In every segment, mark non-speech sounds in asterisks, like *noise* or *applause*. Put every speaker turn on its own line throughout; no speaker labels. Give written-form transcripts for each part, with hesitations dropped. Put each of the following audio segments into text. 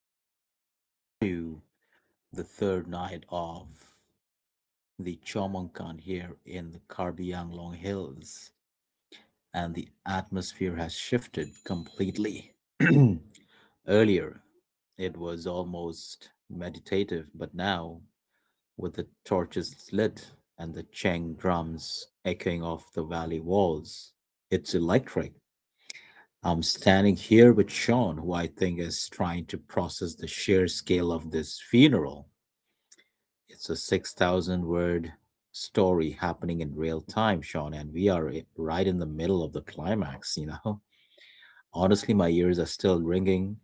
We're deep into the third night of the Chomonkan here in the Karbi Anglong Hills, and the atmosphere has shifted completely. *clears throat* Earlier, it was almost meditative, but now, with the torches lit and the Cheng drums echoing off the valley walls, it's electric. I'm standing here with Sean, who I think is trying to process the sheer scale of this funeral. It's a 6,000 word story happening in real time, Sean, and we are right in the middle of the climax, you know? *laughs* Honestly, my ears are still ringing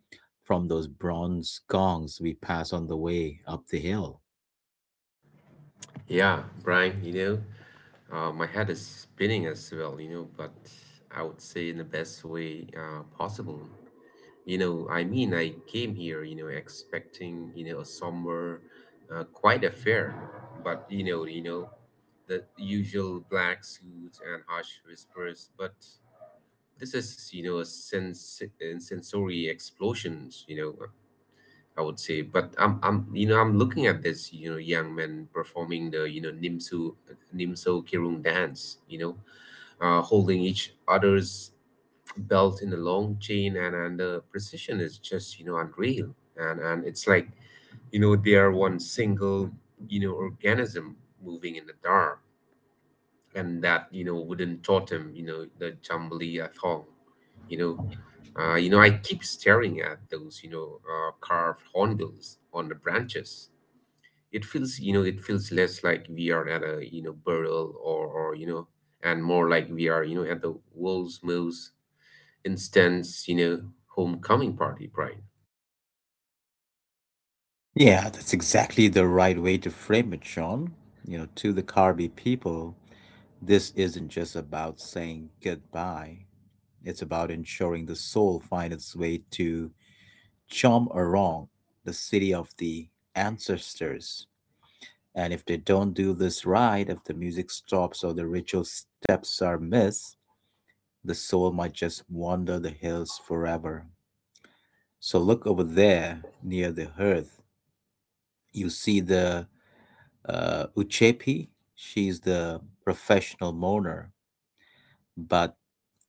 from those bronze gongs we pass on the way up the hill.
Yeah, Brian, my head is spinning as well, but I would say in the best way possible. I mean, I came here, expecting, a somber, quite affair, but the usual black suits and harsh whispers, but this is, a sensory explosions, I would say. But I'm looking at this, young men performing the Nimso Kirung dance, holding each other's belt in a long chain, and the precision is just, unreal, and it's like, they are one single, organism moving in the dark, and that wooden totem, the jambalaya thong. You know uh, you know i keep staring at those carved hornbills on the branches. It feels less like we are at a burial, or, and more like we are at the world's most intense, homecoming party, right?
Yeah, that's exactly the right way to frame it, Sean. You know, to the Carby people, this isn't just about saying goodbye. It's about ensuring the soul finds its way to Chomorong, the city of the ancestors. And if they don't do this right, if the music stops or the ritual steps are missed, the soul might just wander the hills forever. So look over there near the hearth. You see the Uchepi. She's the professional mourner, but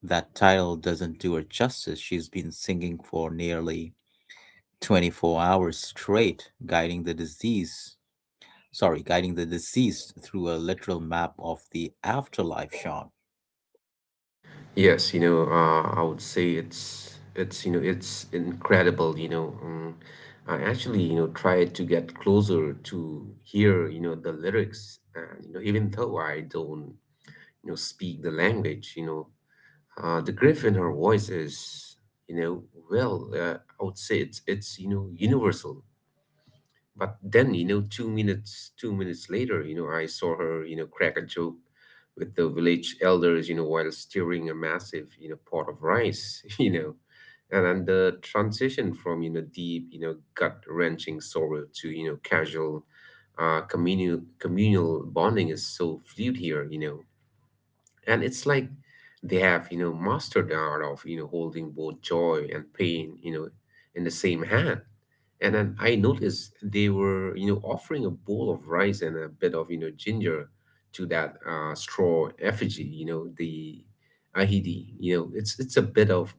that title doesn't do her justice. She's been singing for nearly 24 hours straight, guiding the disease, sorry, guiding the deceased through a literal map of the afterlife, Sean.
Yes, I would say it's incredible. I actually tried to get closer to hear the lyrics, and even though I don't speak the language, the grief in her voice is, you know well, I would say it's universal. But then, 2 minutes, 2 minutes later, I saw her, crack a joke with the village elders, while stirring a massive, pot of rice, *laughs* . And the transition from, deep, gut-wrenching sorrow to, casual, communal bonding is so fluid here, and it's like they have mastered the art of holding both joy and pain in the same hand. And then I noticed they were offering a bowl of rice and a bit of ginger to that straw effigy, the ahidi. It's a bit of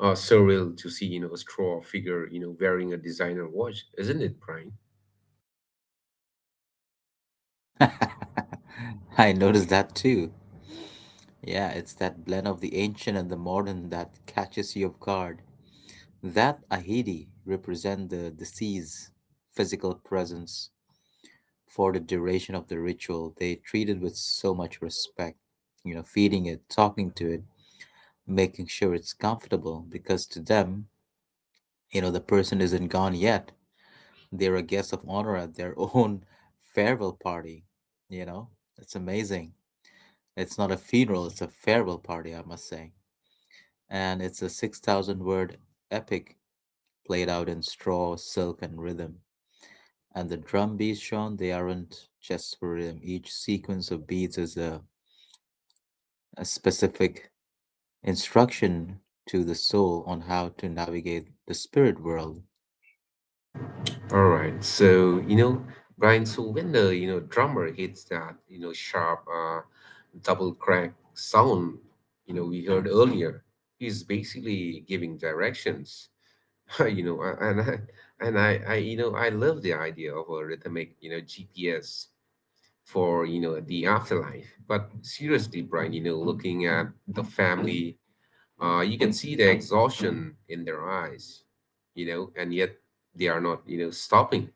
surreal to see a straw figure wearing a designer watch, isn't it, Brian?
*laughs* I noticed that too. Yeah, it's that blend of the ancient and the modern that catches you off guard. That ahidi represent the deceased's physical presence for the duration of the ritual. They treat it with so much respect, you know, feeding it, talking to it, making sure it's comfortable because to them, you know, the person isn't gone yet. They're a guest of honor at their own *laughs* farewell party. You know, it's amazing. It's not a funeral, it's a farewell party, I must say. And it's a 6,000 word epic played out in straw, silk, and rhythm. And the drum beats, Sean, they aren't just for rhythm. Each sequence of beats is a specific instruction to the soul on how to navigate the spirit world.
All right. So, Brian, when the, drummer hits that, sharp double crack sound, we heard earlier, he's basically giving directions, *laughs* you know, a- and I, you know, I love the idea of a rhythmic, GPS for, the afterlife. But seriously, Brian, looking at the family, you can see the exhaustion in their eyes, and yet they are not, stopping,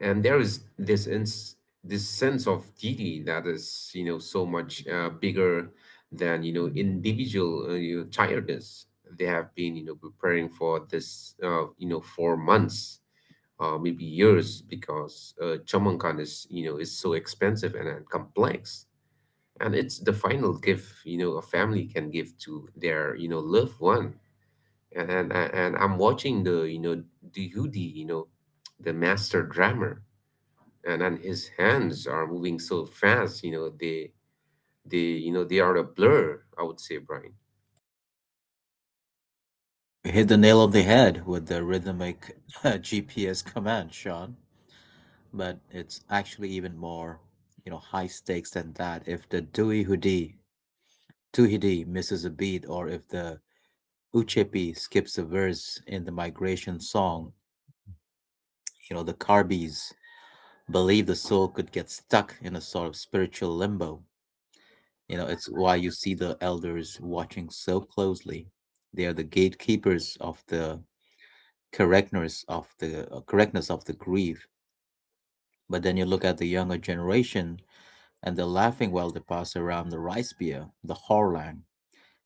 and there is this sense of duty that is so much bigger than individual tiredness. They have been preparing for this for months, maybe years, because chamankan is you know is so expensive and complex, and it's the final gift a family can give to their loved one. And I'm watching the Yudi, the master drummer, and his hands are moving so fast, you know they are a blur, I would say, Brian.
You hit the nail on the head with the rhythmic *laughs* GPS command, Sean. But it's actually even more, you know, high stakes than that. If the duihudi Tuhidi misses a beat, or if the Uchepi skips a verse in the migration song, you know, the Carbis believe the soul could get stuck in a sort of spiritual limbo. You know, it's why you see the elders watching so closely. They are the gatekeepers of the correctness of the correctness of the grief. But then you look at the younger generation and they're laughing while they pass around the rice beer, the Horlang.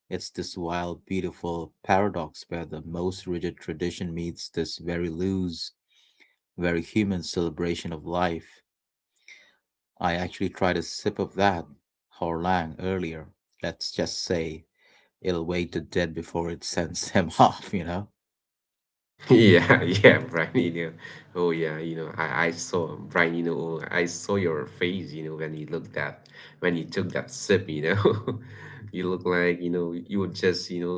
It's this wild, beautiful paradox where the most rigid tradition meets this very loose, very human celebration of life. I actually tried a sip of that Horlang earlier. Let's just say it'll wait to dead before it sends *laughs* him off, you know?
*laughs* Yeah, yeah, Brian. Oh, yeah, I saw, Brian. Oh, I saw your face when you took that sip, *laughs* You look like you would just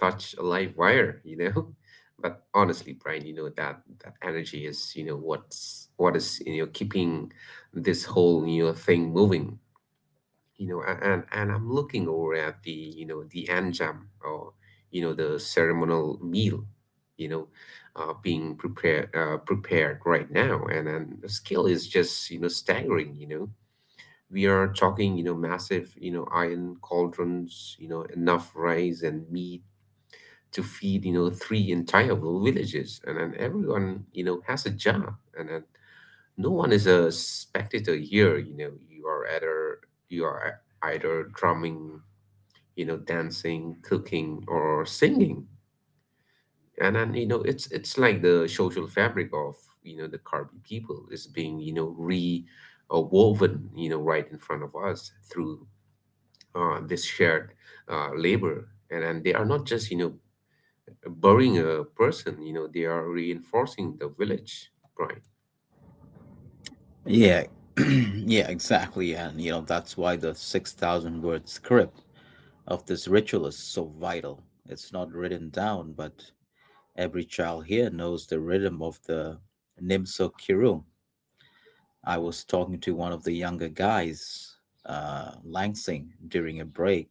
touch a live wire, *laughs* But honestly, Brian, that energy is what is keeping this whole thing moving. And I'm looking over at the anjam, or the ceremonial meal, you know being prepared right now, and the skill is just staggering. We are talking massive, iron cauldrons, enough rice and meat to feed three entire villages, and then everyone has a job, and then no one is a spectator here. You are either drumming, dancing, cooking, or singing. And then, it's like the social fabric of, the Karbi people is being, you know, re woven, right in front of us through this shared labor. And then they are not just, burying a person, they are reinforcing the village, right.
Yeah, *clears throat* yeah, exactly. And, you know, that's why the 6,000 word script of this ritual is so vital. It's not written down, but every child here knows the rhythm of the Nimso Kiru. I was talking to one of the younger guys, Langsing, during a break,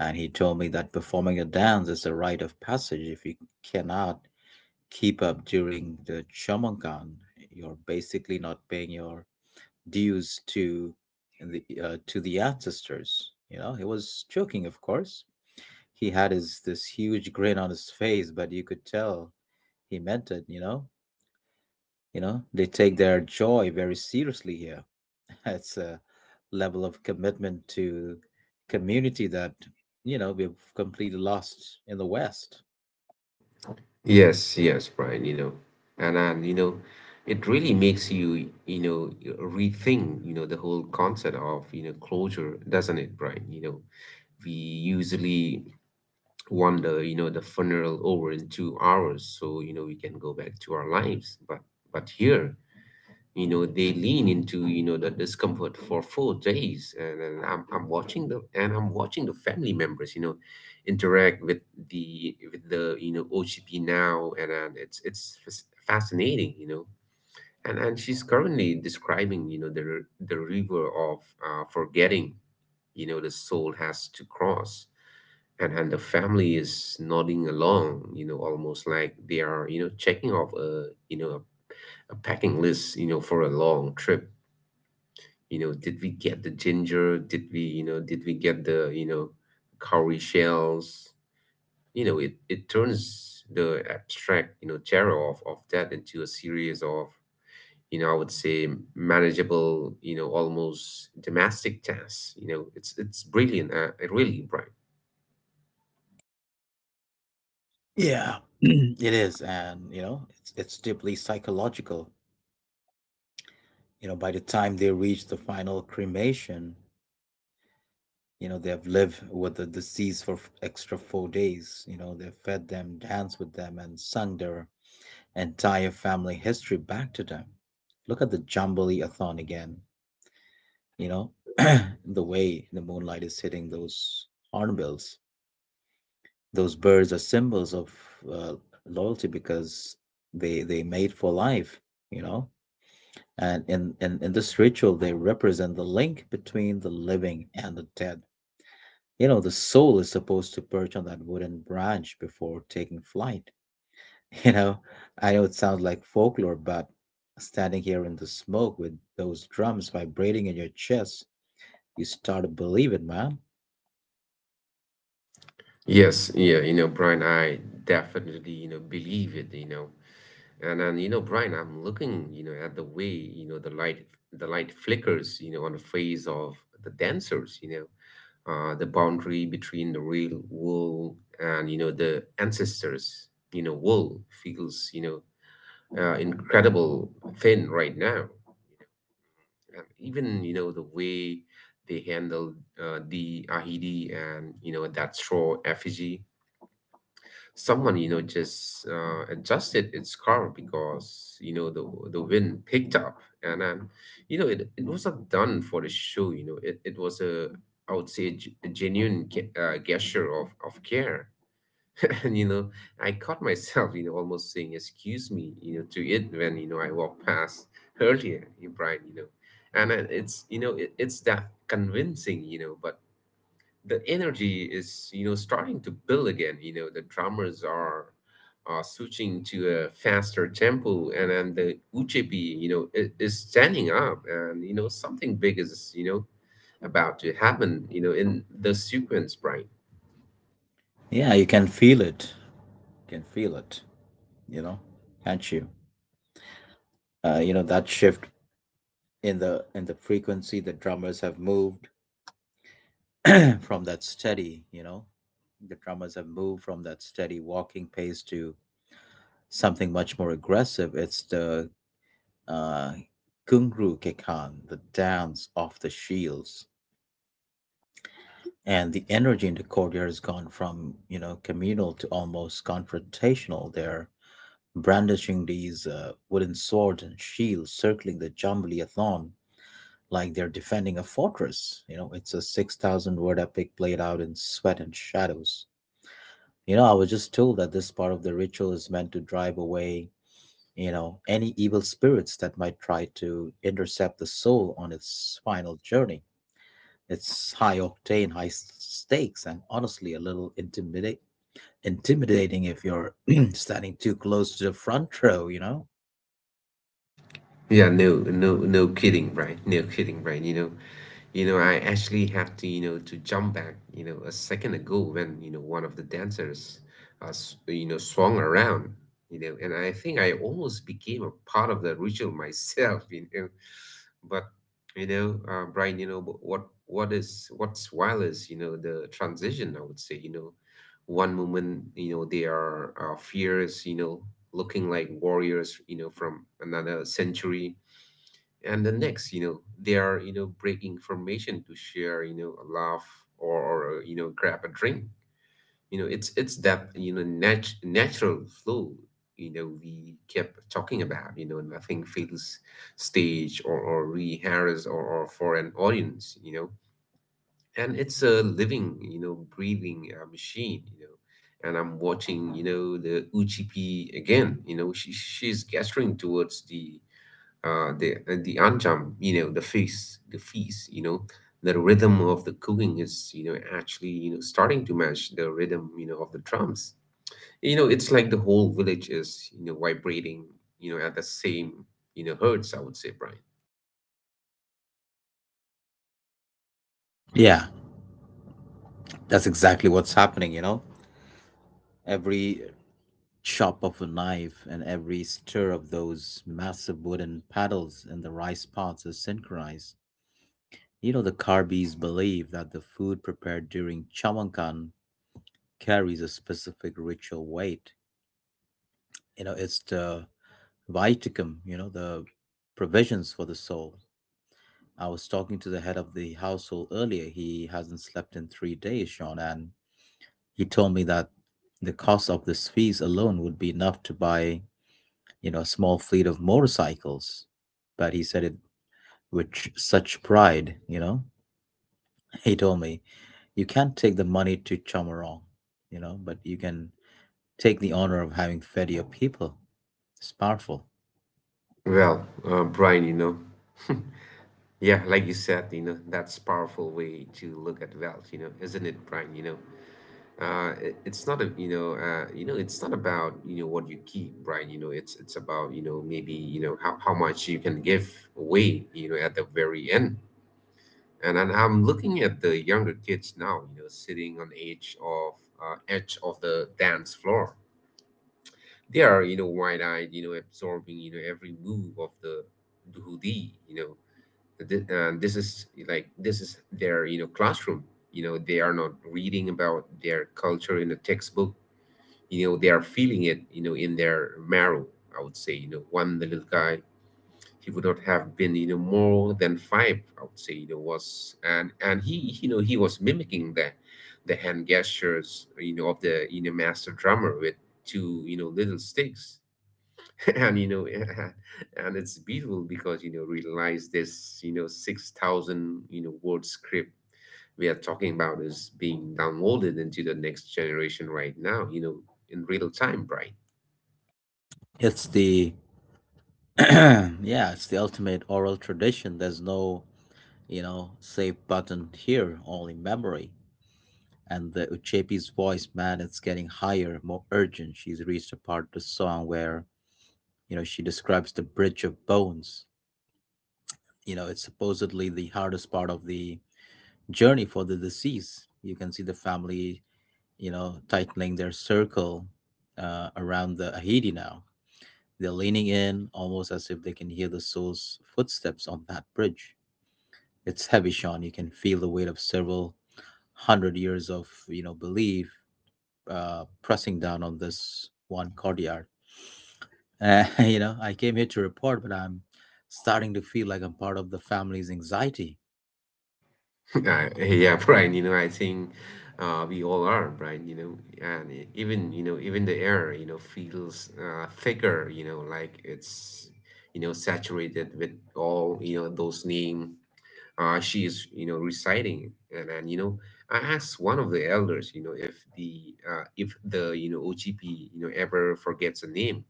and he told me that performing a dance is a rite of passage. If you cannot keep up during the Chomongan, you're basically not paying your dues to the ancestors. You know, he was joking, of course, he had his this huge grin on his face, but you could tell he meant it. You know, they take their joy very seriously here. *laughs* It's a level of commitment to community that you know we've completely lost in the West.
Yes, yes, Brian, and and you know, it really makes you, rethink, the whole concept of, closure, doesn't it, Brian? We usually wonder, the funeral over in 2 hours, so we can go back to our lives, but here they lean into the discomfort for 4 days, and I'm watching the family members interact with the OCP now, and it's fascinating, and she's currently describing the river of forgetting the soul has to cross, and the family is nodding along, almost like they are checking off a packing list for a long trip. Did we get the ginger? Did we get the cowrie shells? It turns the abstract terror of that into a series of, I would say, manageable, almost domestic tasks. It's brilliant, really, Brian.
Yeah. *clears throat* It is, and you know, it's deeply psychological. You know, by the time they reach the final cremation, you know, they have lived with the deceased for extra 4 days. You know, they've fed them, danced with them, and sung their entire family history back to them. Look at the Jamboree Athon again, you know, *clears throat* the way the moonlight is hitting those hornbills. Those birds are symbols of uh, loyalty because they mate for life, you know. And in this ritual, they represent the link between the living and the dead. You know, the soul is supposed to perch on that wooden branch before taking flight. *laughs* You know, I know it sounds like folklore, but standing here in the smoke with those drums vibrating in your chest, you start to believe it, man.
Yes, yeah, Brian, I definitely believe it. And then, Brian, I'm looking, at the way, the light flickers, on the face of the dancers, the boundary between the real world and, the ancestors, world feels, incredible thin right now. And even, the way they handle the ahidi, and, that straw effigy, someone just adjusted its car because the wind picked up, and then it was not done for the show. It was a, I would say, a genuine gesture of care. *laughs* And I caught myself almost saying excuse me to it when I walked past earlier, you, Brian. You know and then it's you know it, it's that convincing, but the energy is starting to build again. The drummers are switching to a faster tempo, and then the ujepi is standing up, and something big is about to happen in the sequence, right?
Yeah, you can feel it. You can feel it, you know, can't you? You know, that shift in the frequency, the drummers have moved *clears throat* from that steady, you know, the drummers have moved from that steady walking pace to something much more aggressive. It's the uh, Kungru Kekan, the dance of the shields, and the energy in the courtyard has gone from, you know, communal to almost confrontational. They're brandishing these wooden swords and shields, circling the jambalaya like they're defending a fortress. You know, it's a 6,000 word epic played out in sweat and shadows. You know, I was just told that this part of the ritual is meant to drive away, you know, any evil spirits that might try to intercept the soul on its final journey. It's high octane, high stakes, and honestly a little intimidate intimidating if you're *clears throat* standing too close to the front row, you know?
Yeah, no, no, no kidding, right, no kidding, right. I actually have to jump back, a second ago when, one of the dancers, swung around, and I think I almost became a part of the ritual myself, *laughs* . But, Brian, what's wild is, the transition, I would say, one moment, they are fierce, looking like warriors, from another century, and the next they are breaking formation to share a laugh or grab a drink. It's that natural flow we kept talking about. Nothing feels staged or rehearsed or for an audience, and it's a living, breathing machine. And I'm watching the ugp again. She's gesturing towards the anjam, the feast, the rhythm of the cooking is, actually, starting to match the rhythm, of the drums. It's like the whole village is, vibrating, at the same, hertz. I would say, Brian.
Yeah, that's exactly what's happening, you know? Every chop of a knife and every stir of those massive wooden paddles in the rice pots is synchronized. You know, the Karbis believe that the food prepared during Chawankan carries a specific ritual weight. You know, it's the viticum, you know, the provisions for the soul. I was talking to the head of the household earlier. He hasn't slept in 3 days, Sean, and he told me that the cost of this fees alone would be enough to buy, you know, a small fleet of motorcycles. But he said it with such pride, you know. *laughs* He told me, you can't take the money to Chamorong, you know, but you can take the honor of having fed your people. It's powerful.
Well, Brian, yeah, like you said, that's powerful way to look at wealth, isn't it, Brian? It's not about what you keep, right? It's about maybe how much you can give away at the very end. And I'm looking at the younger kids now sitting on edge of the dance floor. They are wide-eyed, absorbing every move of the dhudi. This is like this is their classroom. They are not reading about their culture in a textbook. They are feeling it in their marrow. I would say, one little guy, he would not have been more than five, I would say, was, and he he was mimicking the hand gestures of the master drummer with two little sticks. *laughs* And *laughs* and it's beautiful because, realize this, 6,000 word script we are talking about is being downloaded into the next generation right now, in real time, Brian.
It's *clears throat* yeah, it's the ultimate oral tradition. There's no, you know, save button here, only memory. And the Uchepi's voice, man, it's getting higher, more urgent. She's reached a part of the song where, you know, she describes the bridge of bones. You know, it's supposedly the hardest part of the journey for the deceased. You can see the family, you know, tightening their circle around the Ahidi now. They're leaning in almost as if they can hear the soul's footsteps on that bridge. It's heavy, Sean. You can feel the weight of several hundred years of you know belief pressing down on this one courtyard. *laughs* You know, I came here to report, but I'm starting to feel like I'm part of the family's anxiety.
*laughs* Yeah, Brian, I think, we all are, Brian, and even the air feels, thicker, like it's, saturated with all, those names, she is reciting, and I asked one of the elders, if the OGP, ever forgets a name.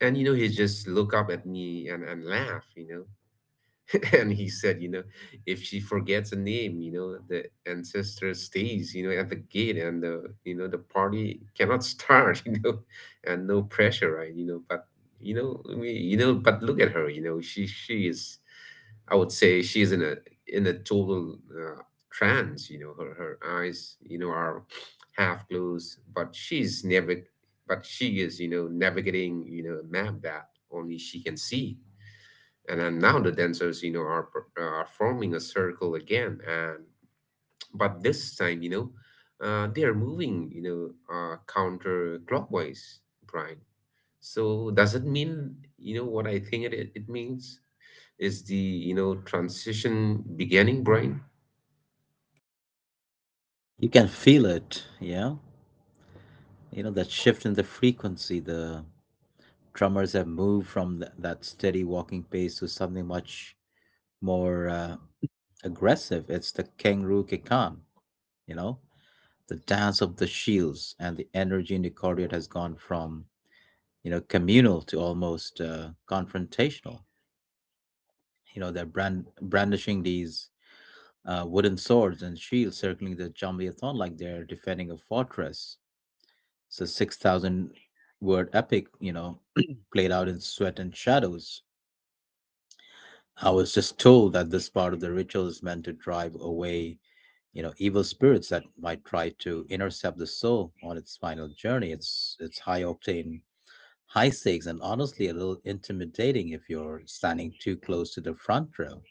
And he just look up at me and laugh. *laughs* and he said, if she forgets a name, the ancestor stays, at the gate, and the you know the party cannot start, *laughs* and no pressure, right? But but look at her, she is, I would say, she is in a total, trance, her eyes, are half closed, but she's never, but she is, navigating, a map that only she can see. And then now the dancers are forming a circle again, and but this time, they are moving, counterclockwise, Brian. So does it mean, what I think it means, is the transition beginning, Brian?
You can feel it, yeah. You know that shift in the frequency. The drummers have moved from that steady walking pace to something much more aggressive. It's the kangaroo kikan, you know, the dance of the shields, and the energy in the courtyard has gone from, you know, communal to almost confrontational. You know, they're brandishing these wooden swords and shields, circling the Jamliathon like they're defending a fortress. It's a 6,000 word epic, you know, *clears throat* played out in sweat and shadows. I was just told that this part of the ritual is meant to drive away, you know, evil spirits that might try to intercept the soul on its final journey. It's high octane, high stakes, and honestly a little intimidating if you're standing too close to the front row.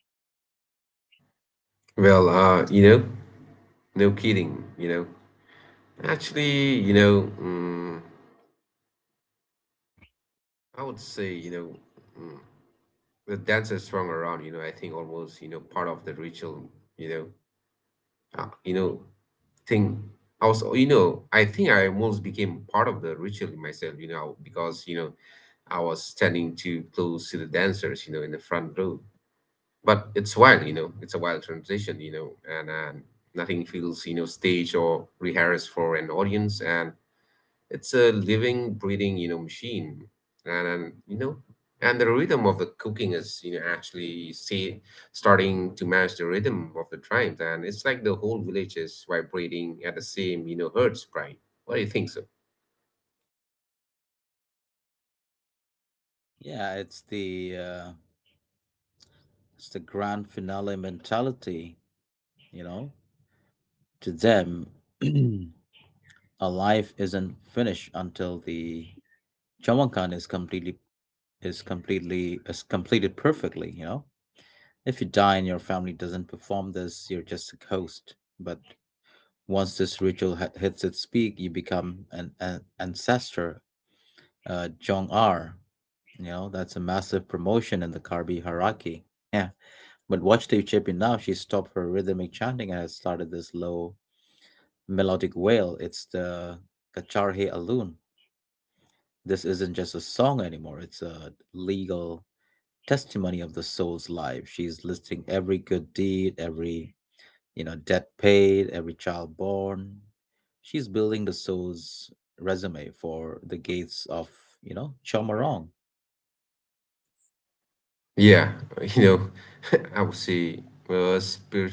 Well, no kidding. Actually, I would say, mm, the dancers swung around, I think almost, part of the ritual, you know uh, you know thing. I was you know I think I almost became part of the ritual myself, because, I was standing too close to the dancers, in the front row. But it's wild, it's a wild transition, you know and nothing feels, staged or rehearsed for an audience, and it's a living, breathing, machine, and and the rhythm of the cooking is, actually see starting to match the rhythm of the tribes, and it's like the whole village is vibrating at the same, hertz, Brian. What do you think so?
Yeah, it's the grand finale mentality, you know. To them, *clears throat* a life isn't finished until the Chawankan is completely is completely is completed perfectly, you know. If you die and your family doesn't perform this, you're just a ghost. But once this ritual hits its peak, you become an ancestor, Jong R. You know, that's a massive promotion in the Karbi hierarchy. Yeah. But watch the Champion now, she stopped her rhythmic chanting and has started this low melodic wail. It's the Kacharhe Alun. This isn't just a song anymore, it's a legal testimony of the soul's life. She's listing every good deed, every, you know, debt paid, every child born. She's building the soul's resume for the gates of, you know, Chomarong.
Yeah, *laughs* *laughs* I would say, spir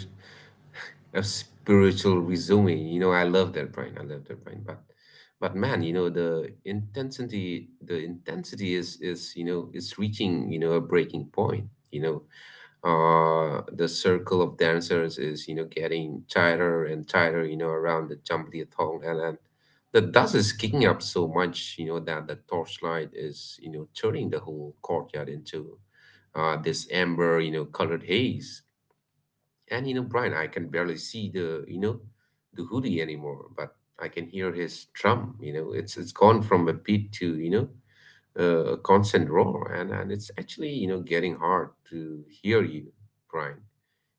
a spiritual resume. I love that, Brian. I love that, Brian. But man, the intensity is you know it's reaching, a breaking point. You know, the circle of dancers is, getting tighter and tighter. Around the Jambalaya thong, and the dust is kicking up so much. You know that the torchlight is, turning the whole courtyard into, this amber, colored haze. And, Brian, I can barely see the hoodie anymore, but I can hear his drum. It's gone from a beat to, a constant roar, and it's actually, getting hard to hear you, Brian.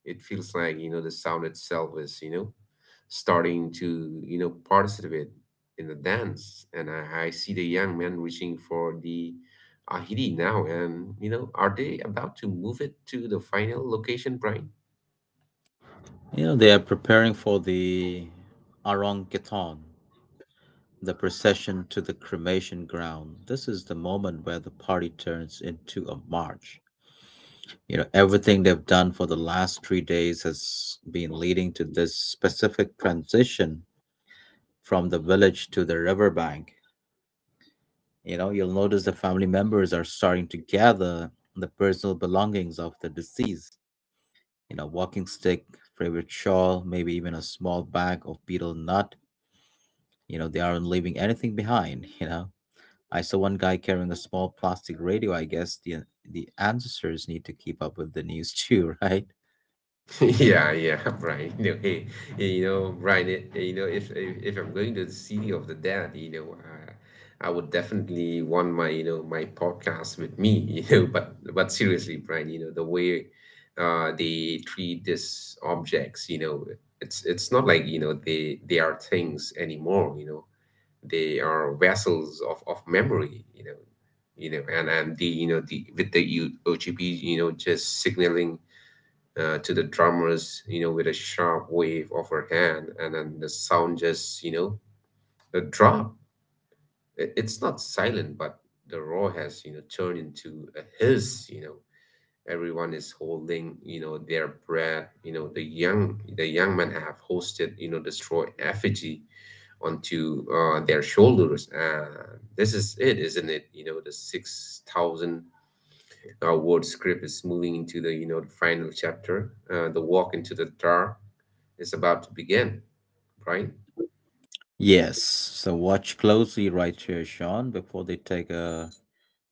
It feels like, the sound itself is, starting to, participate in the dance. And I see the young men reaching for the ahidi now, and, are they about to move it to the final location, Brian?
You know, they are preparing for the Aranketon, the procession to the cremation ground. This is the moment where the party turns into a march. You know, everything they've done for the last 3 days has been leading to this specific transition from the village to the riverbank. You know, you'll notice the family members are starting to gather the personal belongings of the deceased. You know, walking stick, favorite shawl, maybe even a small bag of betel nut. They aren't leaving anything behind, *laughs*. I saw one guy carrying a small plastic radio. I guess the ancestors need to keep up with the news too, *laughs* right?
*laughs* Yeah, yeah, *laughs* Brian. Hey, hey, Brian. Hey, if I'm going to the city of the dead, I would definitely want my you know my podcast with me. *laughs* But seriously, Brian, the way, they treat these objects, it's not like, they are things anymore. They are vessels of memory. And the you know the with the OGP, just signaling, to the drummers, with a sharp wave of her hand, and then the sound just, the drop. It's not silent, but the roar has, turned into a hiss. Everyone is holding, their breath. The young men have hosted, the straw effigy onto, their shoulders. This is it, isn't it? The 6,000, word script is moving into the final chapter. The walk into the dark is about to begin, Brian.
Yes. So watch closely right here, Sean, before they take a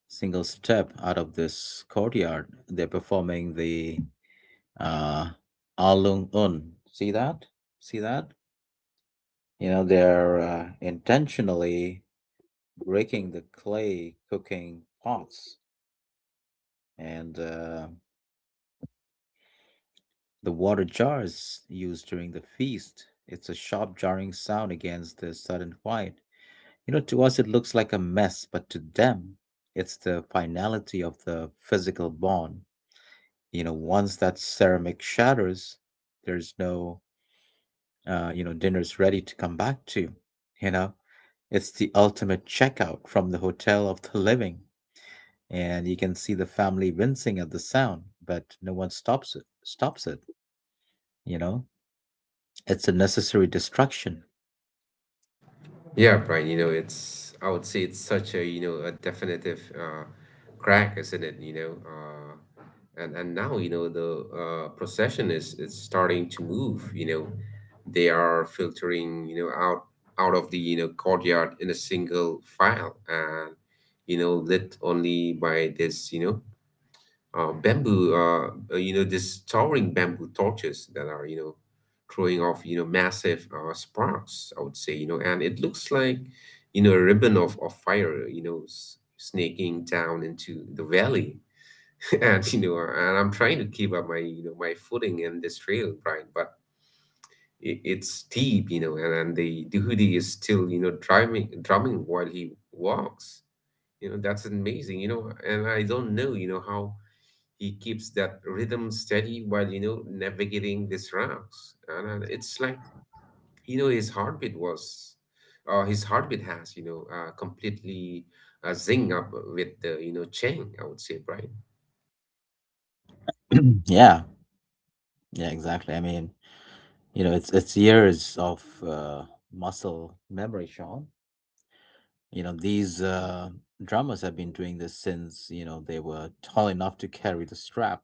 single step out of this courtyard. They're performing the uh Alung Un. See that? See that? You know, they're intentionally breaking the clay cooking pots and the water jar is used during the feast. It's a sharp jarring sound against the sudden quiet. You know, to us it looks like a mess, but to them, it's the finality of the physical bond. You know, once that ceramic shatters, there's no, you know, dinner's ready to come back to. You know, it's the ultimate checkout from the hotel of the living, and you can see the family wincing at the sound, but no one stops it. You know, it's a necessary destruction.
Yeah, Brian, I would say it's such a definitive, crack, isn't it? And now, the, procession is starting to move. They are filtering, out of the, courtyard in a single file and, lit only by this, these towering bamboo torches that are, throwing off, massive, sparks, I would say, and it looks like, a ribbon of fire, snaking down into the valley. *laughs* And I'm trying to keep up my footing in this trail, Brian, but it's deep, and the hoodie is still, drumming while he walks. That's amazing, and I don't know, how he keeps that rhythm steady while, navigating these rocks, and, it's like, you know his heartbeat was his heartbeat has, completely, zing up with the, chang, I would say, Brian.
*clears throat* Yeah. Yeah, exactly. I mean, you know, it's years of muscle memory, Sean. You know, these drummers have been doing this since, you know, they were tall enough to carry the strap.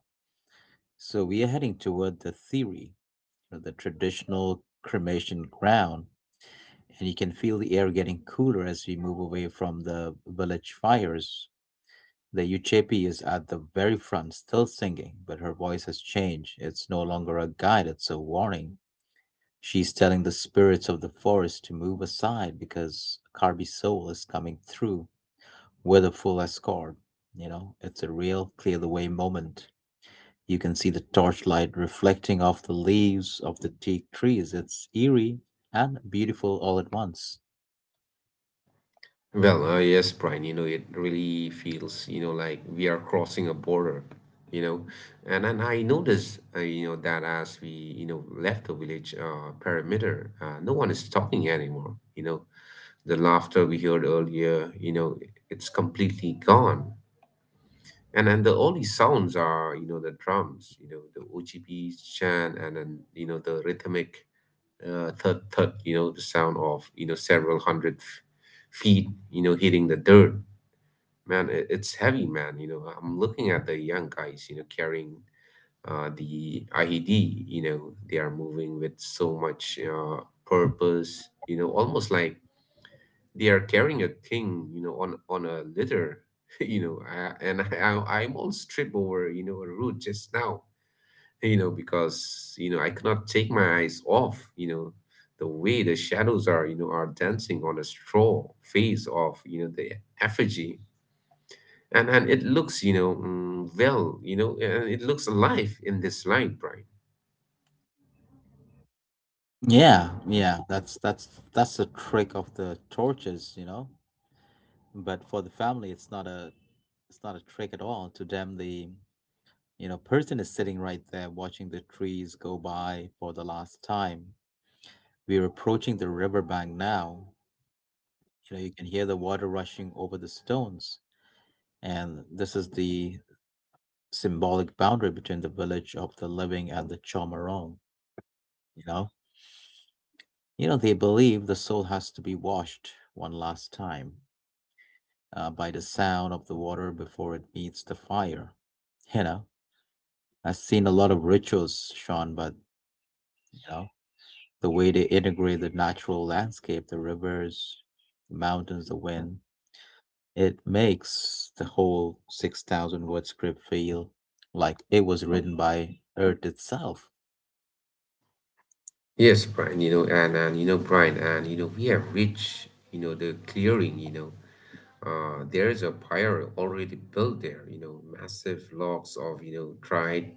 So we are heading toward the theory, you know, the traditional cremation ground, and you can feel the air getting cooler as we move away from the village fires. The Uchepi is at the very front, still singing, but her voice has changed. It's no longer a guide, it's a warning. She's telling the spirits of the forest to move aside because Carby's soul is coming through with a full escort. You know, it's a real clear the way moment. You can see the torchlight reflecting off the leaves of the teak trees. It's eerie and beautiful all at once.
Well, yes, Brian, it really feels, like we are crossing a border, you know and then I noticed, that as we, left the village, perimeter, no one is talking anymore, you know The laughter we heard earlier, it's completely gone. And the only sounds are, the drums, the OGP chant, and then, the rhythmic, thud thud, the sound of, several hundred, feet, hitting the dirt. Man, it's heavy, man. I'm looking at the young guys, carrying, the IED, they are moving with so much, purpose, almost like they are carrying a king, on a litter, *laughs* I'm almost tripped over, a root just now, because, I cannot take my eyes off, the way the shadows are dancing on a straw face of, the effigy, And it looks alive in this light, Brian.
Yeah, yeah, that's the trick of the torches, you know. But for the family it's not a trick at all. To them the, you know, person is sitting right there watching the trees go by for the last time. We're approaching the riverbank now. You know, you can hear the water rushing over the stones, and this is the symbolic boundary between the village of the living and the Chomorong. You know, you know, they believe the soul has to be washed one last time, by the sound of the water before it meets the fire, you know. I've seen a lot of rituals, Sean, but, you know, the way they integrate the natural landscape, the rivers, the mountains, the wind, it makes the whole 6,000 word script feel like it was written by Earth itself.
Yes, Brian, and Brian, and, we have reached, the clearing, There is a pyre already built there, massive logs of, dried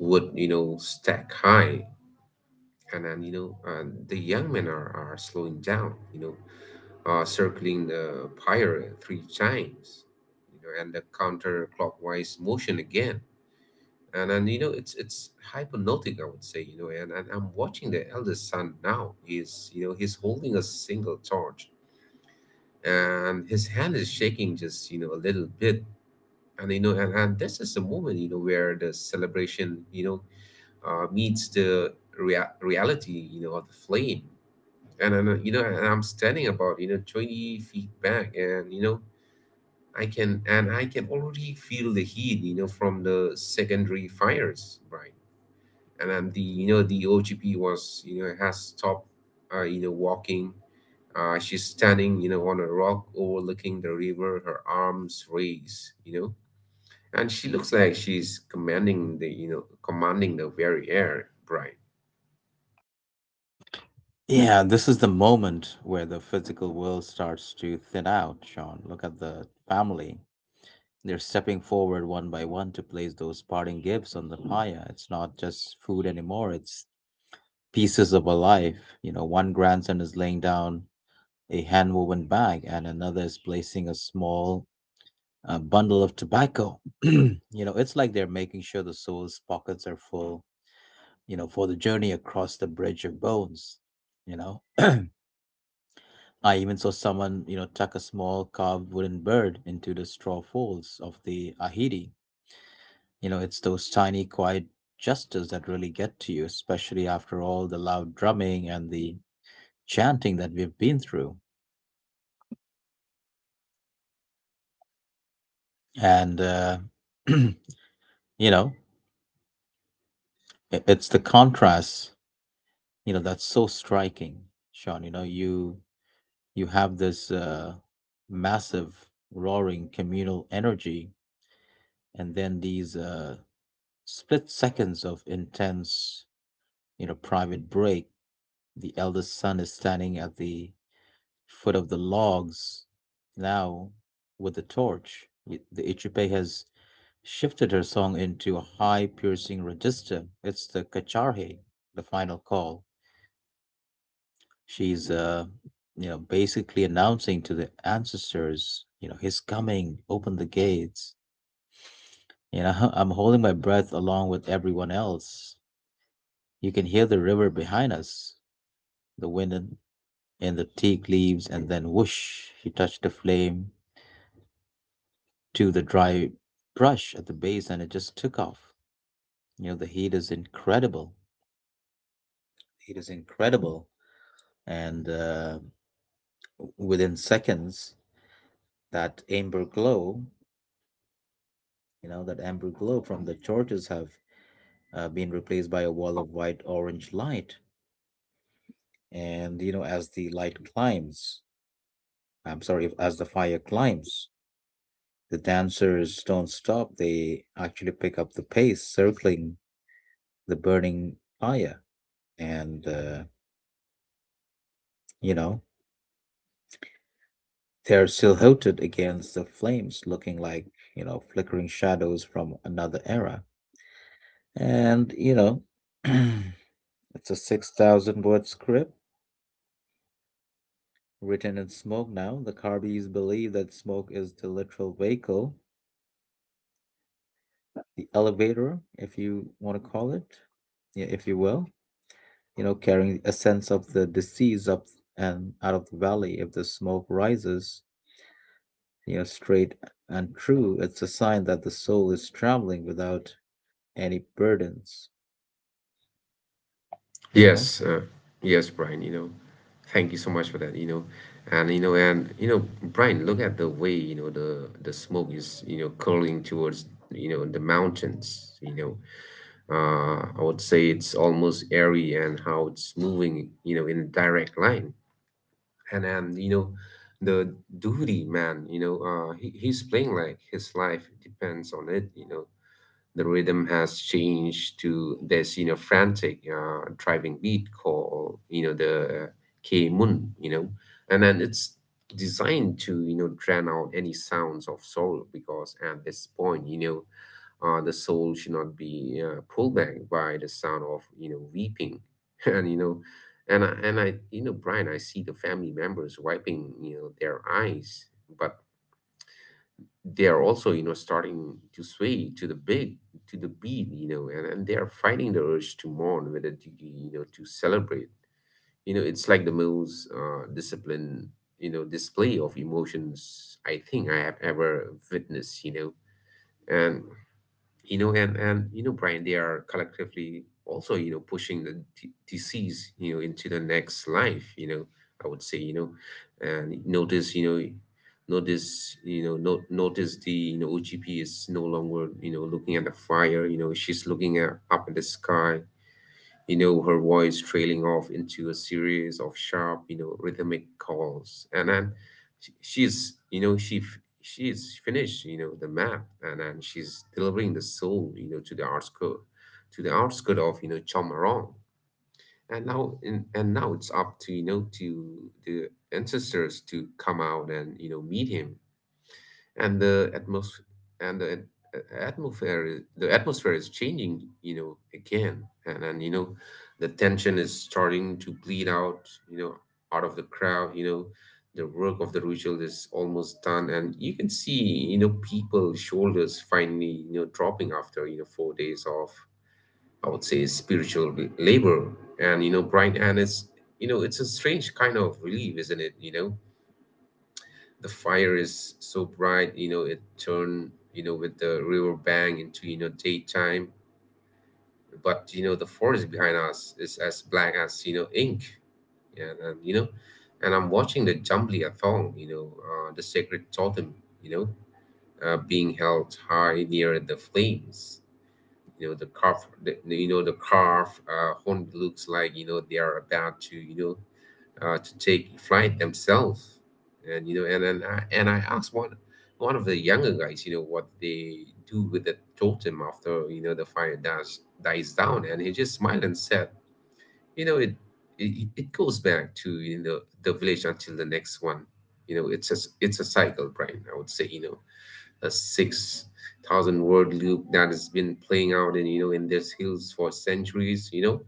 wood, stack high. And then, the young men are slowing down, circling the pyre three times, and the counterclockwise motion again. And then, it's hypnotic, I would say, and I'm watching the eldest son now. He's holding a single torch, and his hand is shaking just a little bit. And this is the moment where the celebration meets the reality of the flame. And I'm standing about 20 feet back, and I can already feel the heat from the secondary fires, right? And then the OGP was you know has stopped walking. She's standing on a rock, overlooking the river, her arms raised and she looks like she's commanding the very air, Brian.
Yeah, this is the moment where the physical world starts to thin out, Sean. Look at the family. They're stepping forward one by one to place those parting gifts on the pyre. It's not just food anymore, it's pieces of a life. You know, one grandson is laying down a hand woven bag, and another is placing a small, bundle of tobacco. *clears throat* You know, it's like they're making sure the soul's pockets are full, you know, for the journey across the bridge of bones. You know, *clears throat* I even saw someone, you know, tuck a small carved wooden bird into the straw folds of the ahidi. You know, it's those tiny, quiet gestures that really get to you, especially after all the loud drumming and the chanting that we've been through. And *clears throat* you know it's the contrast, you know, that's so striking, Sean. You know, you have this massive roaring communal energy, and then these split seconds of intense, you know, private break. The eldest son is standing at the foot of the logs now with the torch. The Ichupe has shifted her song into a high piercing register. It's the kacharhe, the final call. She's You know, basically announcing to the ancestors, you know, he's coming, open the gates. You know, *laughs* I'm holding my breath along with everyone else. You can hear the river behind us, the wind in the teak leaves, and then whoosh, he touched the flame to the dry brush at the base and it just took off. You know, the heat is incredible. Heat is incredible. And within seconds, that amber glow, from the torches have, been replaced by a wall of white orange light. And, you know, as the light climbs, I'm sorry, as the fire climbs, the dancers don't stop. They actually pick up the pace, circling the burning fire. And, uh, you know, They're silhouetted against the flames, looking like, you know, flickering shadows from another era. And, you know, *clears throat* it's a 6,000 word script written in smoke now. The Carbys believe that smoke is the literal vehicle, the elevator, if you want to call it, yeah, if you will, you know, carrying a sense of the deceased up and out of the valley. If the smoke rises, you know, straight and true, it's a sign that the soul is traveling without any burdens, you know?
Yes, uh, yes, Brian, thank you so much for that. And, Brian, look at the way, the smoke is, curling towards the mountains. I would say it's almost airy and how it's moving, in a direct line. And then, the duty man, he's playing like his life depends on it the rhythm has changed to this frantic driving beat called the K Mun, and then it's designed to drown out any sounds of sorrow, because at this point, the soul should not be pulled back by the sound of weeping. *laughs* and you know and I you know Brian, I see the family members wiping their eyes, but they are also starting to sway to the beat, and they are fighting the urge to mourn, whether to, you know to celebrate you know. It's like the most discipline display of emotions I think I have ever witnessed and and you know Brian, they are collectively also pushing the disease into the next life I would say and notice you know no, notice the OGP is no longer looking at the fire she's looking up in the sky, her voice trailing off into a series of sharp, rhythmic calls. And then she's finished the map, and then she's delivering the soul, to the outskirt of, Chomorong. And now it's up to you know to the ancestors to come out and meet him. And the atmosphere and the at- atmosphere is, the atmosphere is changing again, and the tension is starting to bleed out out of the crowd the work of the ritual is almost done, and you can see people's shoulders finally dropping after 4 days of, I would say, spiritual labor. And, Brian, and it's you know it's a strange kind of relief, isn't it? The fire is so bright, it turned with the river bank, into daytime. But the forest behind us is as black as ink. Yeah, and you know and I'm watching the Jumbly Athong, the sacred totem you know Being held high near the flames, the carved horn looks like they are about to you know to take flight themselves. And then I asked one of the younger guys, what they do with the totem after the fire dies down, and he just smiled and said, you know, it it goes back to the village until the next one. It's a cycle, Brian. I would say, a 6,000 word loop that has been playing out in you know in these hills for centuries.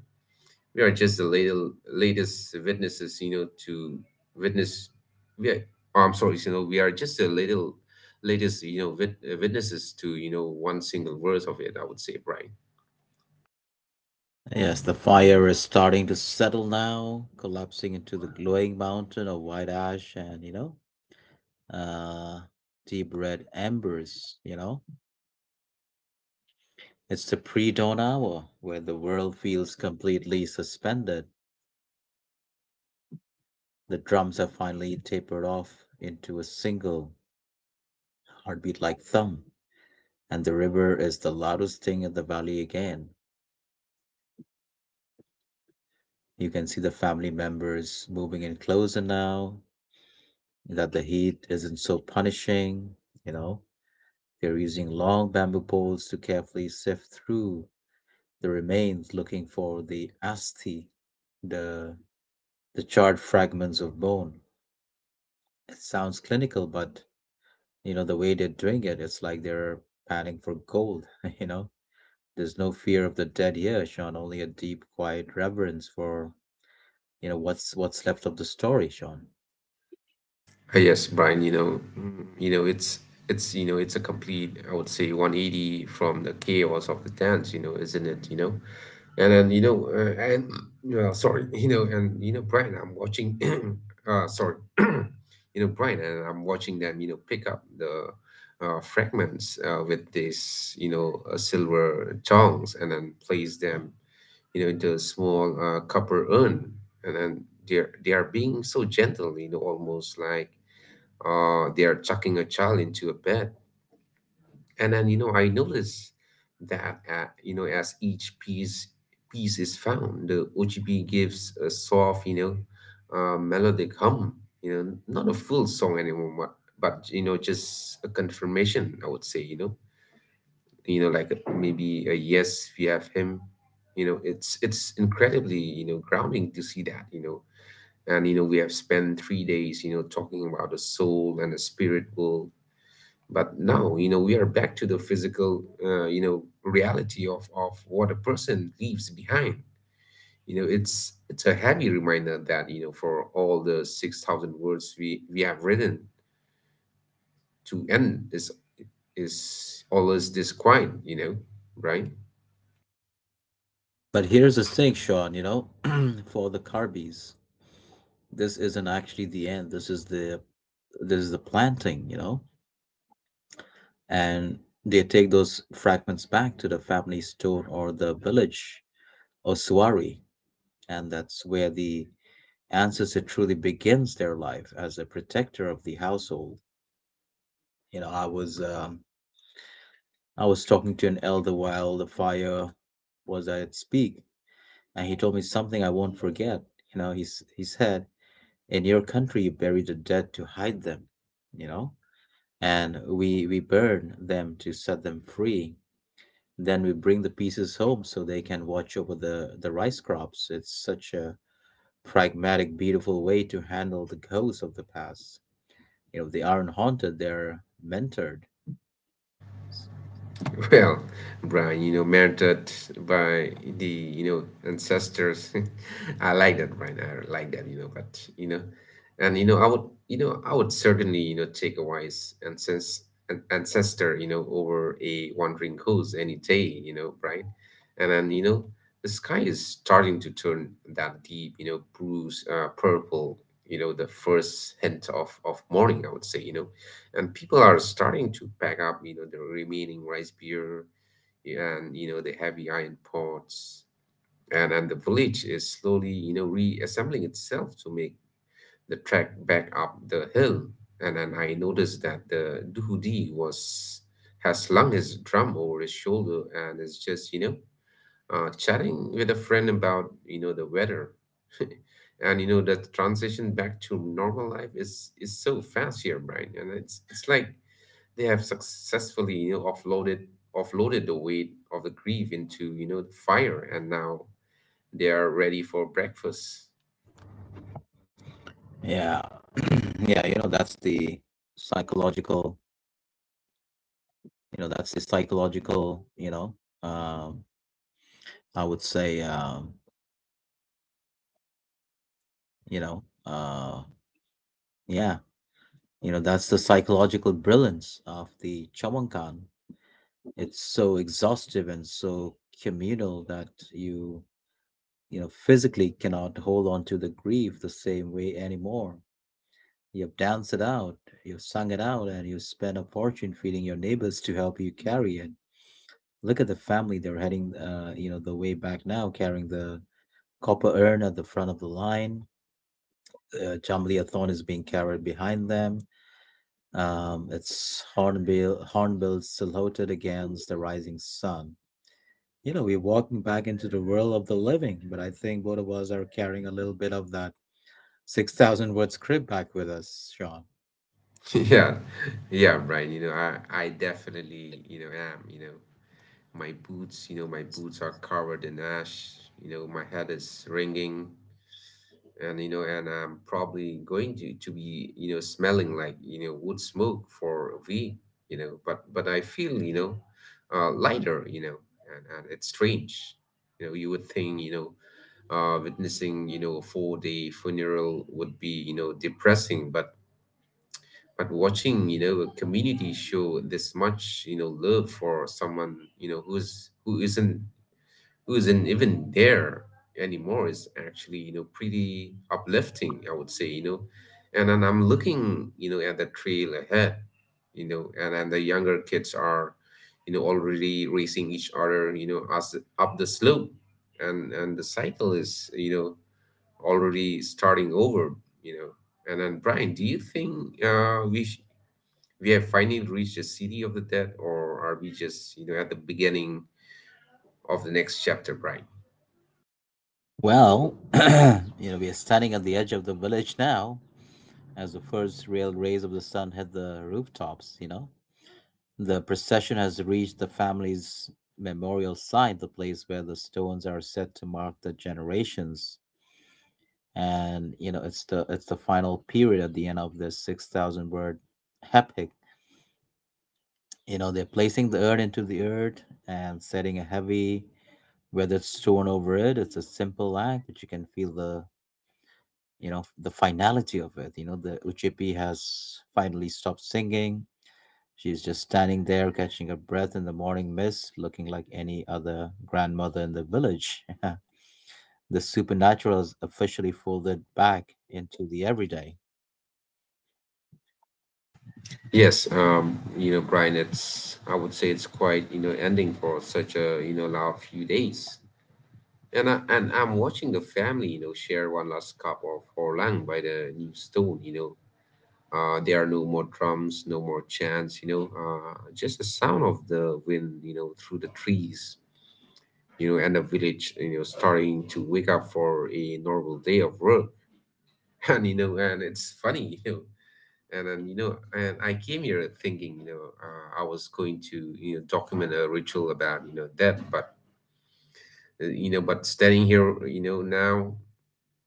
We are just the latest witnesses, to witness. We are, oh, I'm sorry, we are just the little latest, witnesses to one single verse of it, I would say, right?
Yes, the fire is starting to settle now, collapsing into the glowing mountain of white ash and, you know, uh, deep red embers, you know? It's the pre dawn hour where the world feels completely suspended. The drums have finally tapered off into a single heartbeat like thump, and the river is the loudest thing in the valley again. You can see the family members moving in closer now that the heat isn't so punishing, you know. They're using long bamboo poles to carefully sift through the remains looking for the asthi, the the charred fragments of bone. It sounds clinical, but you know the way they're doing it, it's like they're panning for gold, *laughs* you know. There's no fear of the dead here, Sean. Only a deep, quiet reverence for, you know, what's left of the story, Sean.
Yes, Brian, it's a complete, I would say, 180 from the chaos of the dance, isn't it? You know, and then you know, and Sorry. *laughs* Brian, I'm watching, *clears throat* sorry, *clears throat* Brian, and I'm watching them, pick up the fragments with this, silver tongs, and then place them into a small copper urn, and then they are being so gentle, almost like they are chucking a child into a bed. And then, I notice that, as each piece is found, the OGP gives a soft, melodic hum, not a full song anymore, but, just a confirmation, I would say, like a, maybe a yes, we have him, it's incredibly, grounding to see that. And you know We have spent 3 days talking about the soul and the spirit world, but now, we are back to the physical reality of what a person leaves behind. It's a heavy reminder that, for all the 6,000 words we have written, to end is always this quiet, right?
But here's the thing, Sean. You know, *clears throat* for the Carbys, this isn't actually the end. This is the, planting. You know, and they take those fragments back to the family stone or the village ossuary, and that's where the ancestor truly begins their life as a protector of the household. You know, I was um, I was talking to an elder while the fire was at its peak, and he told me something I won't forget. You know, he said, "In your country, you bury the dead to hide them, you know, and we burn them to set them free." Then we bring the pieces home so they can watch over the rice crops. It's such a pragmatic, beautiful way to handle the ghosts of the past. You know, they aren't haunted; they're mentored.
*laughs* Well, Brian, murdered by the ancestors. *laughs* I like that, Brian. I like that, butand, you know, I would, I would certainly, take a wise ancest- an ancestor, over a wandering goose any day, Brian. And then, the sky is starting to turn that deep, bruise, purple, the first hint of morning, I would say. And people are starting to pack up the remaining rice beer, and the heavy iron pots, and the village is slowly reassembling itself to make the trek back up the hill. And then I noticed that the duhudi was has slung his drum over his shoulder and is just chatting with a friend about the weather. *laughs* And that transition back to normal life is so fast here, Brian, and it's like they have successfully, you know, offloaded the weight of the grief into the fire, and now they are ready for breakfast.
Yeah, *clears throat* yeah. You know, that's the psychological. You know, that's the psychological. You know, um, I would say, you know, yeah. You know, that's the psychological brilliance of the Chawankan. It's so exhaustive and so communal that you know, physically cannot hold on to the grief the same way anymore. You've danced it out, you've sung it out, and you've spent a fortune feeding your neighbors to help you carry it. Look at the family, they're heading, you know, the way back now, carrying the copper urn at the front of the line. Jamlia Thorn is being carried behind them. It's hornbill silhouetted against the rising sun. You know, we're walking back into the world of the living, but I think both of us are carrying a little bit of that 6,000 word script back with us, Sean.
*laughs* Yeah, yeah, Brian, you know I definitely am, my boots are covered in ash, my head is ringing, and you know and I'm probably going to be smelling like wood smoke for a week, you know but I feel lighter, you know And it's strange, you know You would think witnessing a 4-day funeral would be depressing, but watching a community show this much love for someone who isn't even there anymore is actually pretty uplifting, I would say, you know And then I'm looking at the trail ahead, you know and then the younger kids are already racing each other as up the slope, and the cycle is already starting over, you know And then, Brian, do you think we have finally reached the city of the dead, or are we just at the beginning of the next chapter, Brian?
Well, *clears throat* you know, we are standing at the edge of the village now as the first real rays of the sun hit the rooftops, you know. The procession has reached the family's memorial site, the place where the stones are set to mark the generations. And, you know, it's the final period at the end of this 6,000 word epic. You know, they're placing the urn into the earth and setting a heavy weathered stone over it. It's a simple act, but you can feel the, you know, the finality of it. You know, the uchipi has finally stopped singing. She's just standing there catching her breath in the morning mist, looking like any other grandmother in the village. *laughs* The supernatural is officially folded back into the everyday.
Yes, Brian, it's I would say it's quite, ending for such a, loud few days. And I'm watching the family, share one last cup of Horlang by the new stone. There are no more drums, no more chants, just the sound of the wind, through the trees, and the village, starting to wake up for a normal day of work. *laughs* And, it's funny. And then you know and I came here thinking I was going to document a ritual about that. But standing here, now,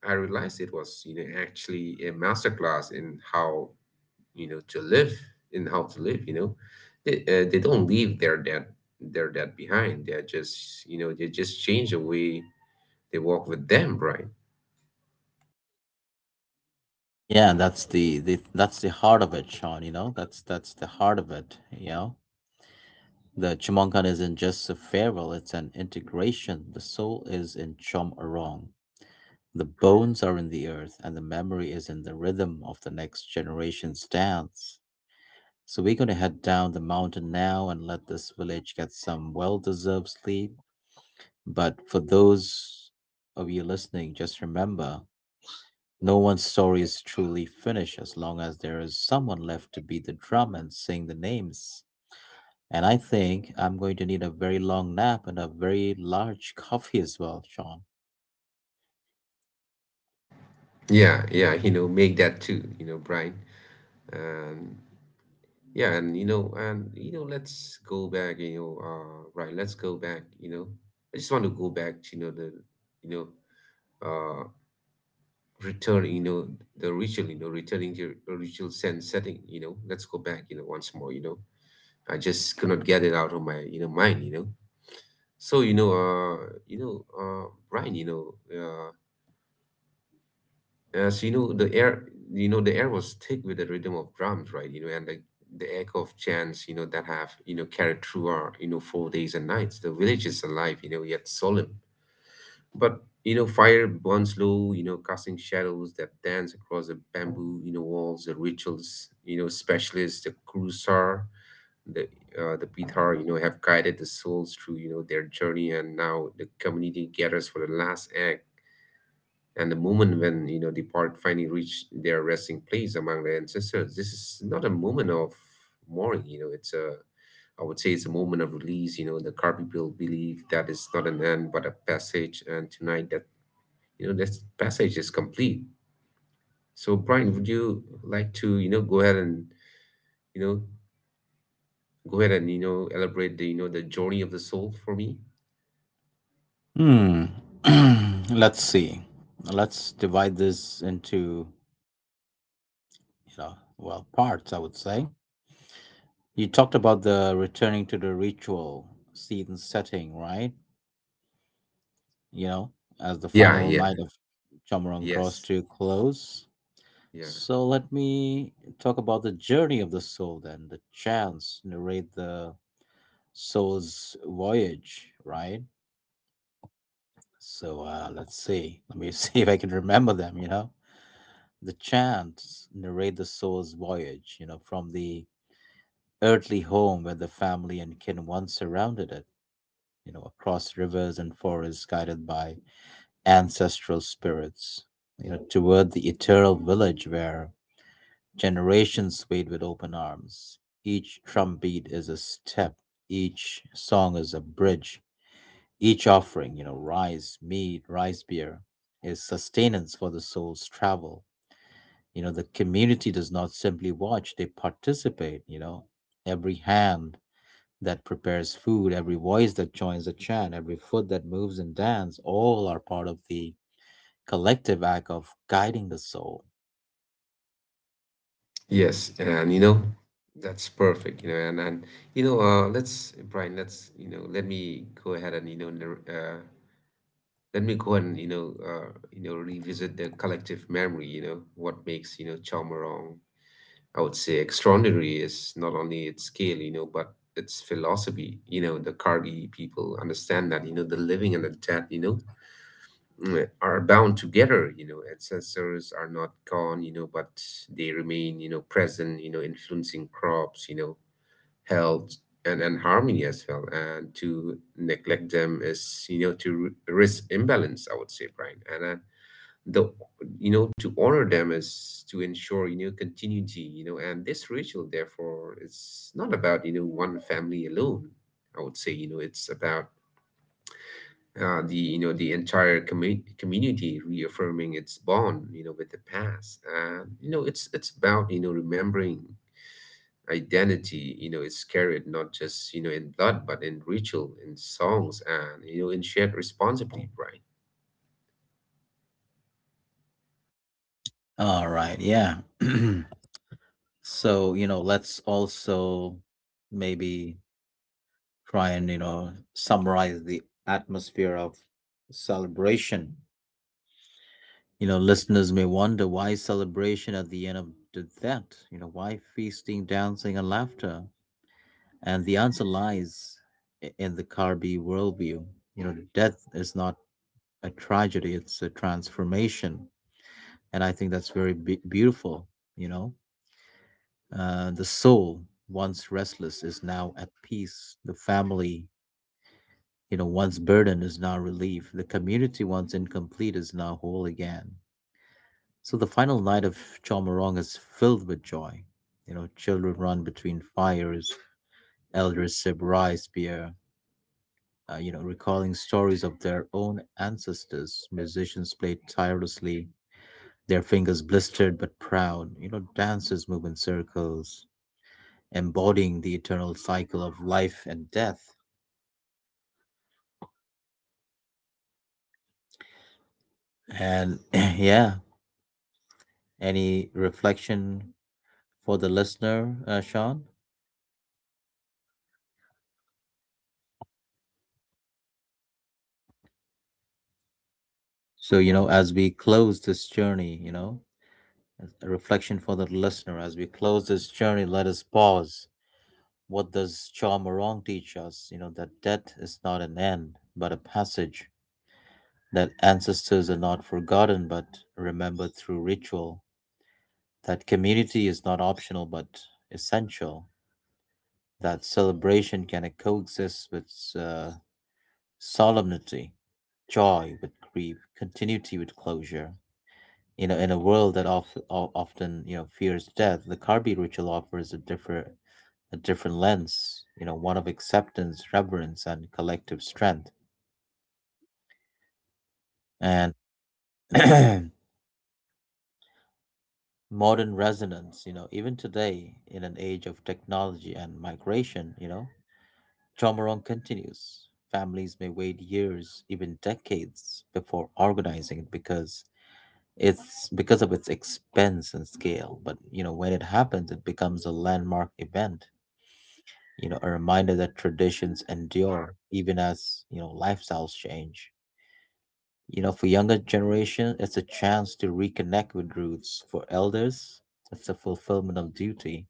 I realized it was actually a masterclass in how to live. in how to live you know they, they don't leave their dead behind. They just change the way they walk with them, Brian.
Yeah, and that's the heart of it, Sean. You know, that's the heart of it, you know. The Chumankan isn't just a farewell, it's an integration. The soul is in Chom Arong. The bones are in the earth, and the memory is in the rhythm of the next generation's dance. So we're going to head down the mountain now and let this village get some well deserved sleep. But for those of you listening, just remember no one's story is truly finished as long as there is someone left to beat the drum and sing the names. And I think I'm going to need a very long nap and a very large coffee as well, Sean.
Yeah, yeah, make that too, Brian. Yeah, let's go back, right. Let's go back. I just want to go back to the you know uh return, the ritual, returning to your original sense setting. Let's go back, once more. I just could not get it out of my, mind. So, Brian, as you know, the air was thick with the rhythm of drums, right? And like the echo of chants, that have, carried through our, 4 days and nights. The village is alive, yet solemn. But, fire burns low, casting shadows that dance across the bamboo walls, the rituals specialists, the Kurusar, the the Pithar, have guided the souls through, their journey. And now the community gathers for the last act, and the moment when the park finally reached their resting place among their ancestors. This is not a moment of mourning. It's a I would say it's a moment of release. The car people believe that it's not an end but a passage. And tonight that, this passage is complete. So, Brian, would you like to go ahead and you know elaborate the you know the journey of the soul for me?
Hmm. *clears throat* Let's see. Let's divide this into, you know, well, parts, I would say. You talked about the returning to the ritual scene setting, right? You know, as the
Yeah,
final
yeah,
night of Chomorong draws
yes,
to a close.
yeah.
So let me talk about the journey of the soul then, the chants narrate the soul's voyage, right? So let's see. Let me *laughs* see if I can remember them, you know? The chants narrate the soul's voyage, you know, from the earthly home where the family and kin once surrounded it, you know, across rivers and forests guided by ancestral spirits, you know, toward the eternal village where generations wait with open arms. Each drumbeat is a step, each song is a bridge, each offering, you know, rice, mead, rice beer, is sustenance for the soul's travel. You know, the community does not simply watch, they participate, you know. Every hand that prepares food, every voice that joins the chant, every foot that moves and dance, all are part of the collective act of guiding the soul.
Yes, and that's perfect. And, let's Brian, let's let me go ahead and let me go and revisit the collective memory. What makes Chamorong, I would say, extraordinary is not only its scale, but its philosophy. The Kardi people understand that, the living and the dead, are bound together. Ancestors are not gone, but they remain, present, influencing crops, health, and harmony as well. And to neglect them is, to risk imbalance, I would say, Brian. And the you know to honor them is to ensure, continuity. And this ritual, therefore, it's not about, one family alone. I would say, it's about the you know the entire community reaffirming its bond, with the past. And, it's about, remembering identity. It's carried not just, in blood, but in ritual, in songs, and, in shared responsibility, Brian.
All right, yeah. *clears throat* So, you know, let's also maybe try and, you know, summarize the atmosphere of celebration. You know, listeners may wonder why celebration at the end of that? You know, why feasting, dancing, and laughter? And the answer lies in the Karbi worldview. You know, death is not a tragedy, it's a transformation. And I think that's very beautiful. You know, the soul, once restless, is now at peace. The family, you know, once burden is now relief. The community, once incomplete, is now whole again. So the final night of Chomorong is filled with joy. You know, children run between fires, elders sip rice beer, you know, recalling stories of their own ancestors. Musicians play tirelessly, their fingers blistered but proud. You know, dancers move in circles, embodying the eternal cycle of life and death. And *clears throat* yeah, any reflection for the listener, Sean? So, you know, as we close this journey, you know, a reflection for the listener as we close this journey, let us pause. What does Cha Morong teach us, you know? That death is not an end but a passage, that ancestors are not forgotten but remembered through ritual, that community is not optional but essential, that celebration can coexist with uh, solemnity, joy with grief, continuity with closure. You know, in a world that often you know fears death, the Karbi ritual offers a different lens. You know, one of acceptance, reverence, and collective strength, and *clears throat* modern resonance. You know, even today, in an age of technology and migration, you know, Chamorong continues. Families may wait years, even decades, before organizing it because it's because of its expense and scale. But you know, when it happens, it becomes a landmark event, you know, a reminder that traditions endure even as, you know, lifestyles change. You know, for younger generation, it's a chance to reconnect with roots. For elders, it's a fulfillment of duty.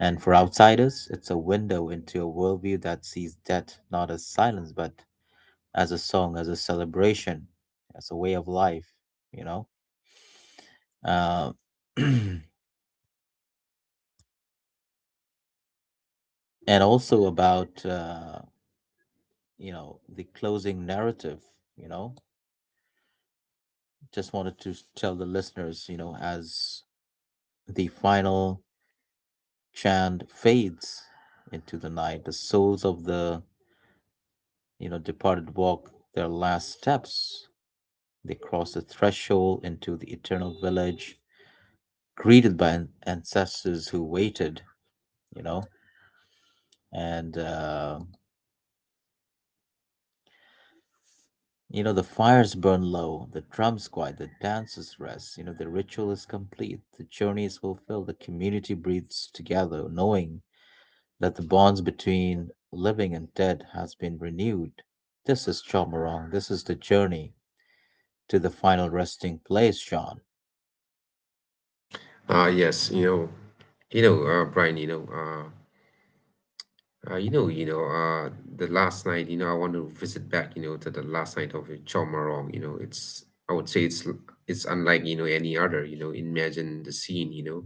And for outsiders, it's a window into a worldview that sees death not as silence, but as a song, as a celebration, as a way of life, you know? Uh, *clears throat* and also about, you know, the closing narrative, you know? Just wanted to tell the listeners, you know, as the final chant fades into the night, the souls of the, you know, departed walk their last steps. They cross the threshold into the eternal village, greeted by ancestors who waited, you know, and, you know, the fires burn low, the drums quiet, the dancers rest, you know, the ritual is complete, the journey is fulfilled, the community breathes together, knowing that the bonds between living and dead has been renewed. This is Chomorong. This is the journey to the final resting place, Sean.
Ah, yes. Brian, you know you know, you know, the last night, I want to visit back, to the last night of Chomarong. It's, I would say, it's unlike, any other. Imagine the scene, you know,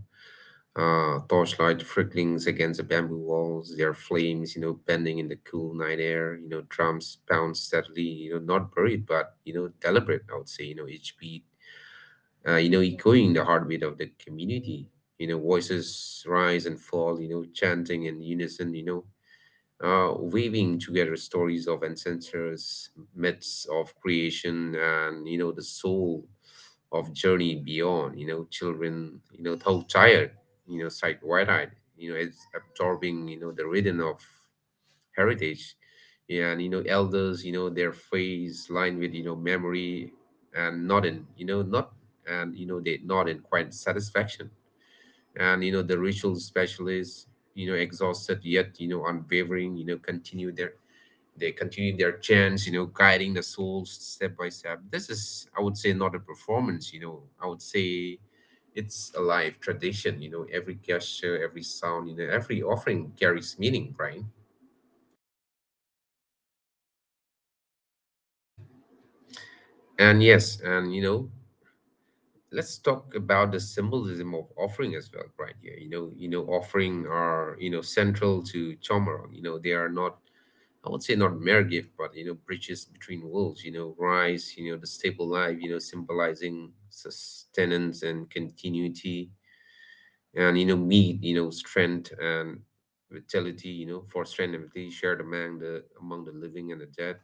uh, torchlight flickerings against the bamboo walls, their flames, bending in the cool night air. Drums pound steadily, not buried, but, deliberate, I would say, each beat, echoing the heartbeat of the community, voices rise and fall, chanting in unison, weaving together stories of ancestors, myths of creation, and the soul of journey beyond. Children, though tired, sight wide-eyed, it's absorbing, the rhythm of heritage. Yeah, and, elders, their face lined with memory, and nodding, not, and they nod in quiet satisfaction. And the ritual specialists, exhausted, yet, unwavering, continue their they continue their chants, guiding the souls step by step. This is, I would say, not a performance. I would say it's a live tradition. Every gesture, every sound, every offering carries meaning, right? And yes, and, let's talk about the symbolism of offering as well, right? Yeah, offering are, central to Chomoron. They are not, I would say, not mere gift, but, bridges between worlds. Rice. The stable life. Symbolizing sustenance and continuity, and, meat. Strength and vitality. For strength and vitality shared among the living and the dead.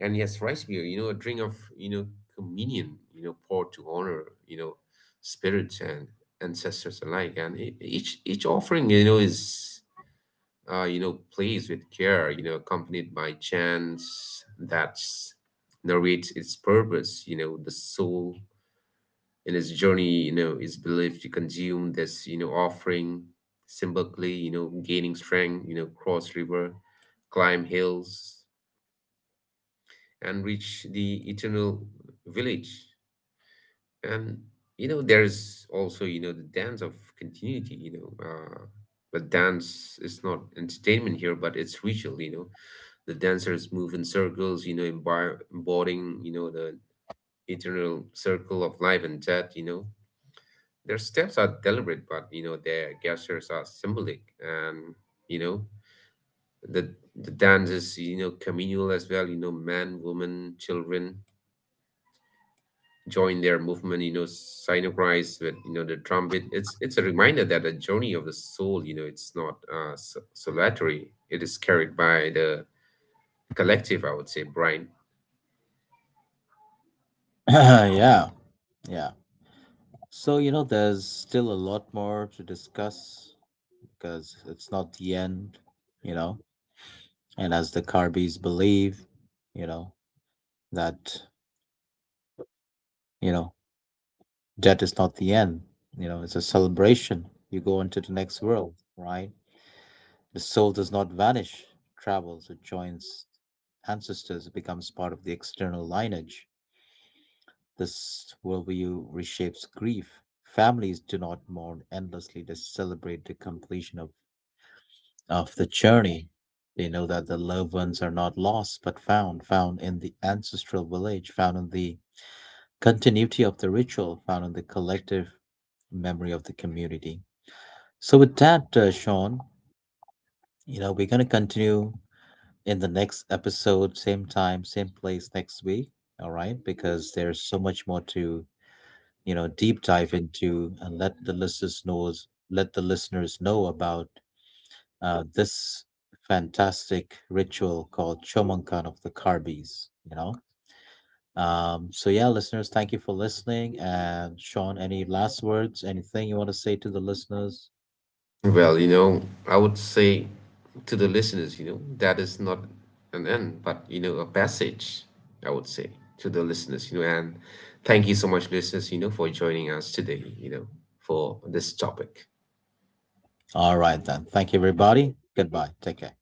And yes, rice beer. A drink of communion. Poured to honor, spirits and ancestors alike. And each offering, is, plays with care, accompanied by chants that narrates its purpose. The soul, in its journey, is believed to consume this, offering symbolically, gaining strength, cross river, climb hills, and reach the eternal village. And there's also, the dance of continuity. But dance is not entertainment here, but it's ritual. The dancers move in circles, embodying, the eternal circle of life and death. Their steps are deliberate, but, their gestures are symbolic. And, you know, the dance is, communal as well. Man, woman, children join their movement, synchronize with, the trumpet. It's a reminder that the journey of the soul, it's not, solitary. It is carried by the collective, I would say, Brian.
*clears throat* Yeah, yeah. So, you know, there's still a lot more to discuss because it's not the end, you know. And as the Carbis believe, you know, that, you know, death is not the end, you know, it's a celebration. You go into the next world, right? The soul does not vanish, travels, it joins ancestors, it becomes part of the external lineage. This worldview reshapes grief. Families do not mourn endlessly, they celebrate the completion of the journey. They know that the loved ones are not lost but found, found in the ancestral village, found in the continuity of the ritual, found in the collective memory of the community. So, with that, Sean, you know, we're going to continue in the next episode, same time, same place next week. All right, because there's so much more to you know deep dive into, and let the listeners knows let the listeners know about this fantastic ritual called Chomonkan of the Carbis. You know, so yeah, listeners, thank you for listening. And Sean, any last words? Anything you want to say to the listeners?
Well, I would say to the listeners, that is not an end, but a passage. I would say to the listeners, and thank you so much, listeners, for joining us today, for this topic.
All right then. Thank you, everybody. Goodbye. Take care.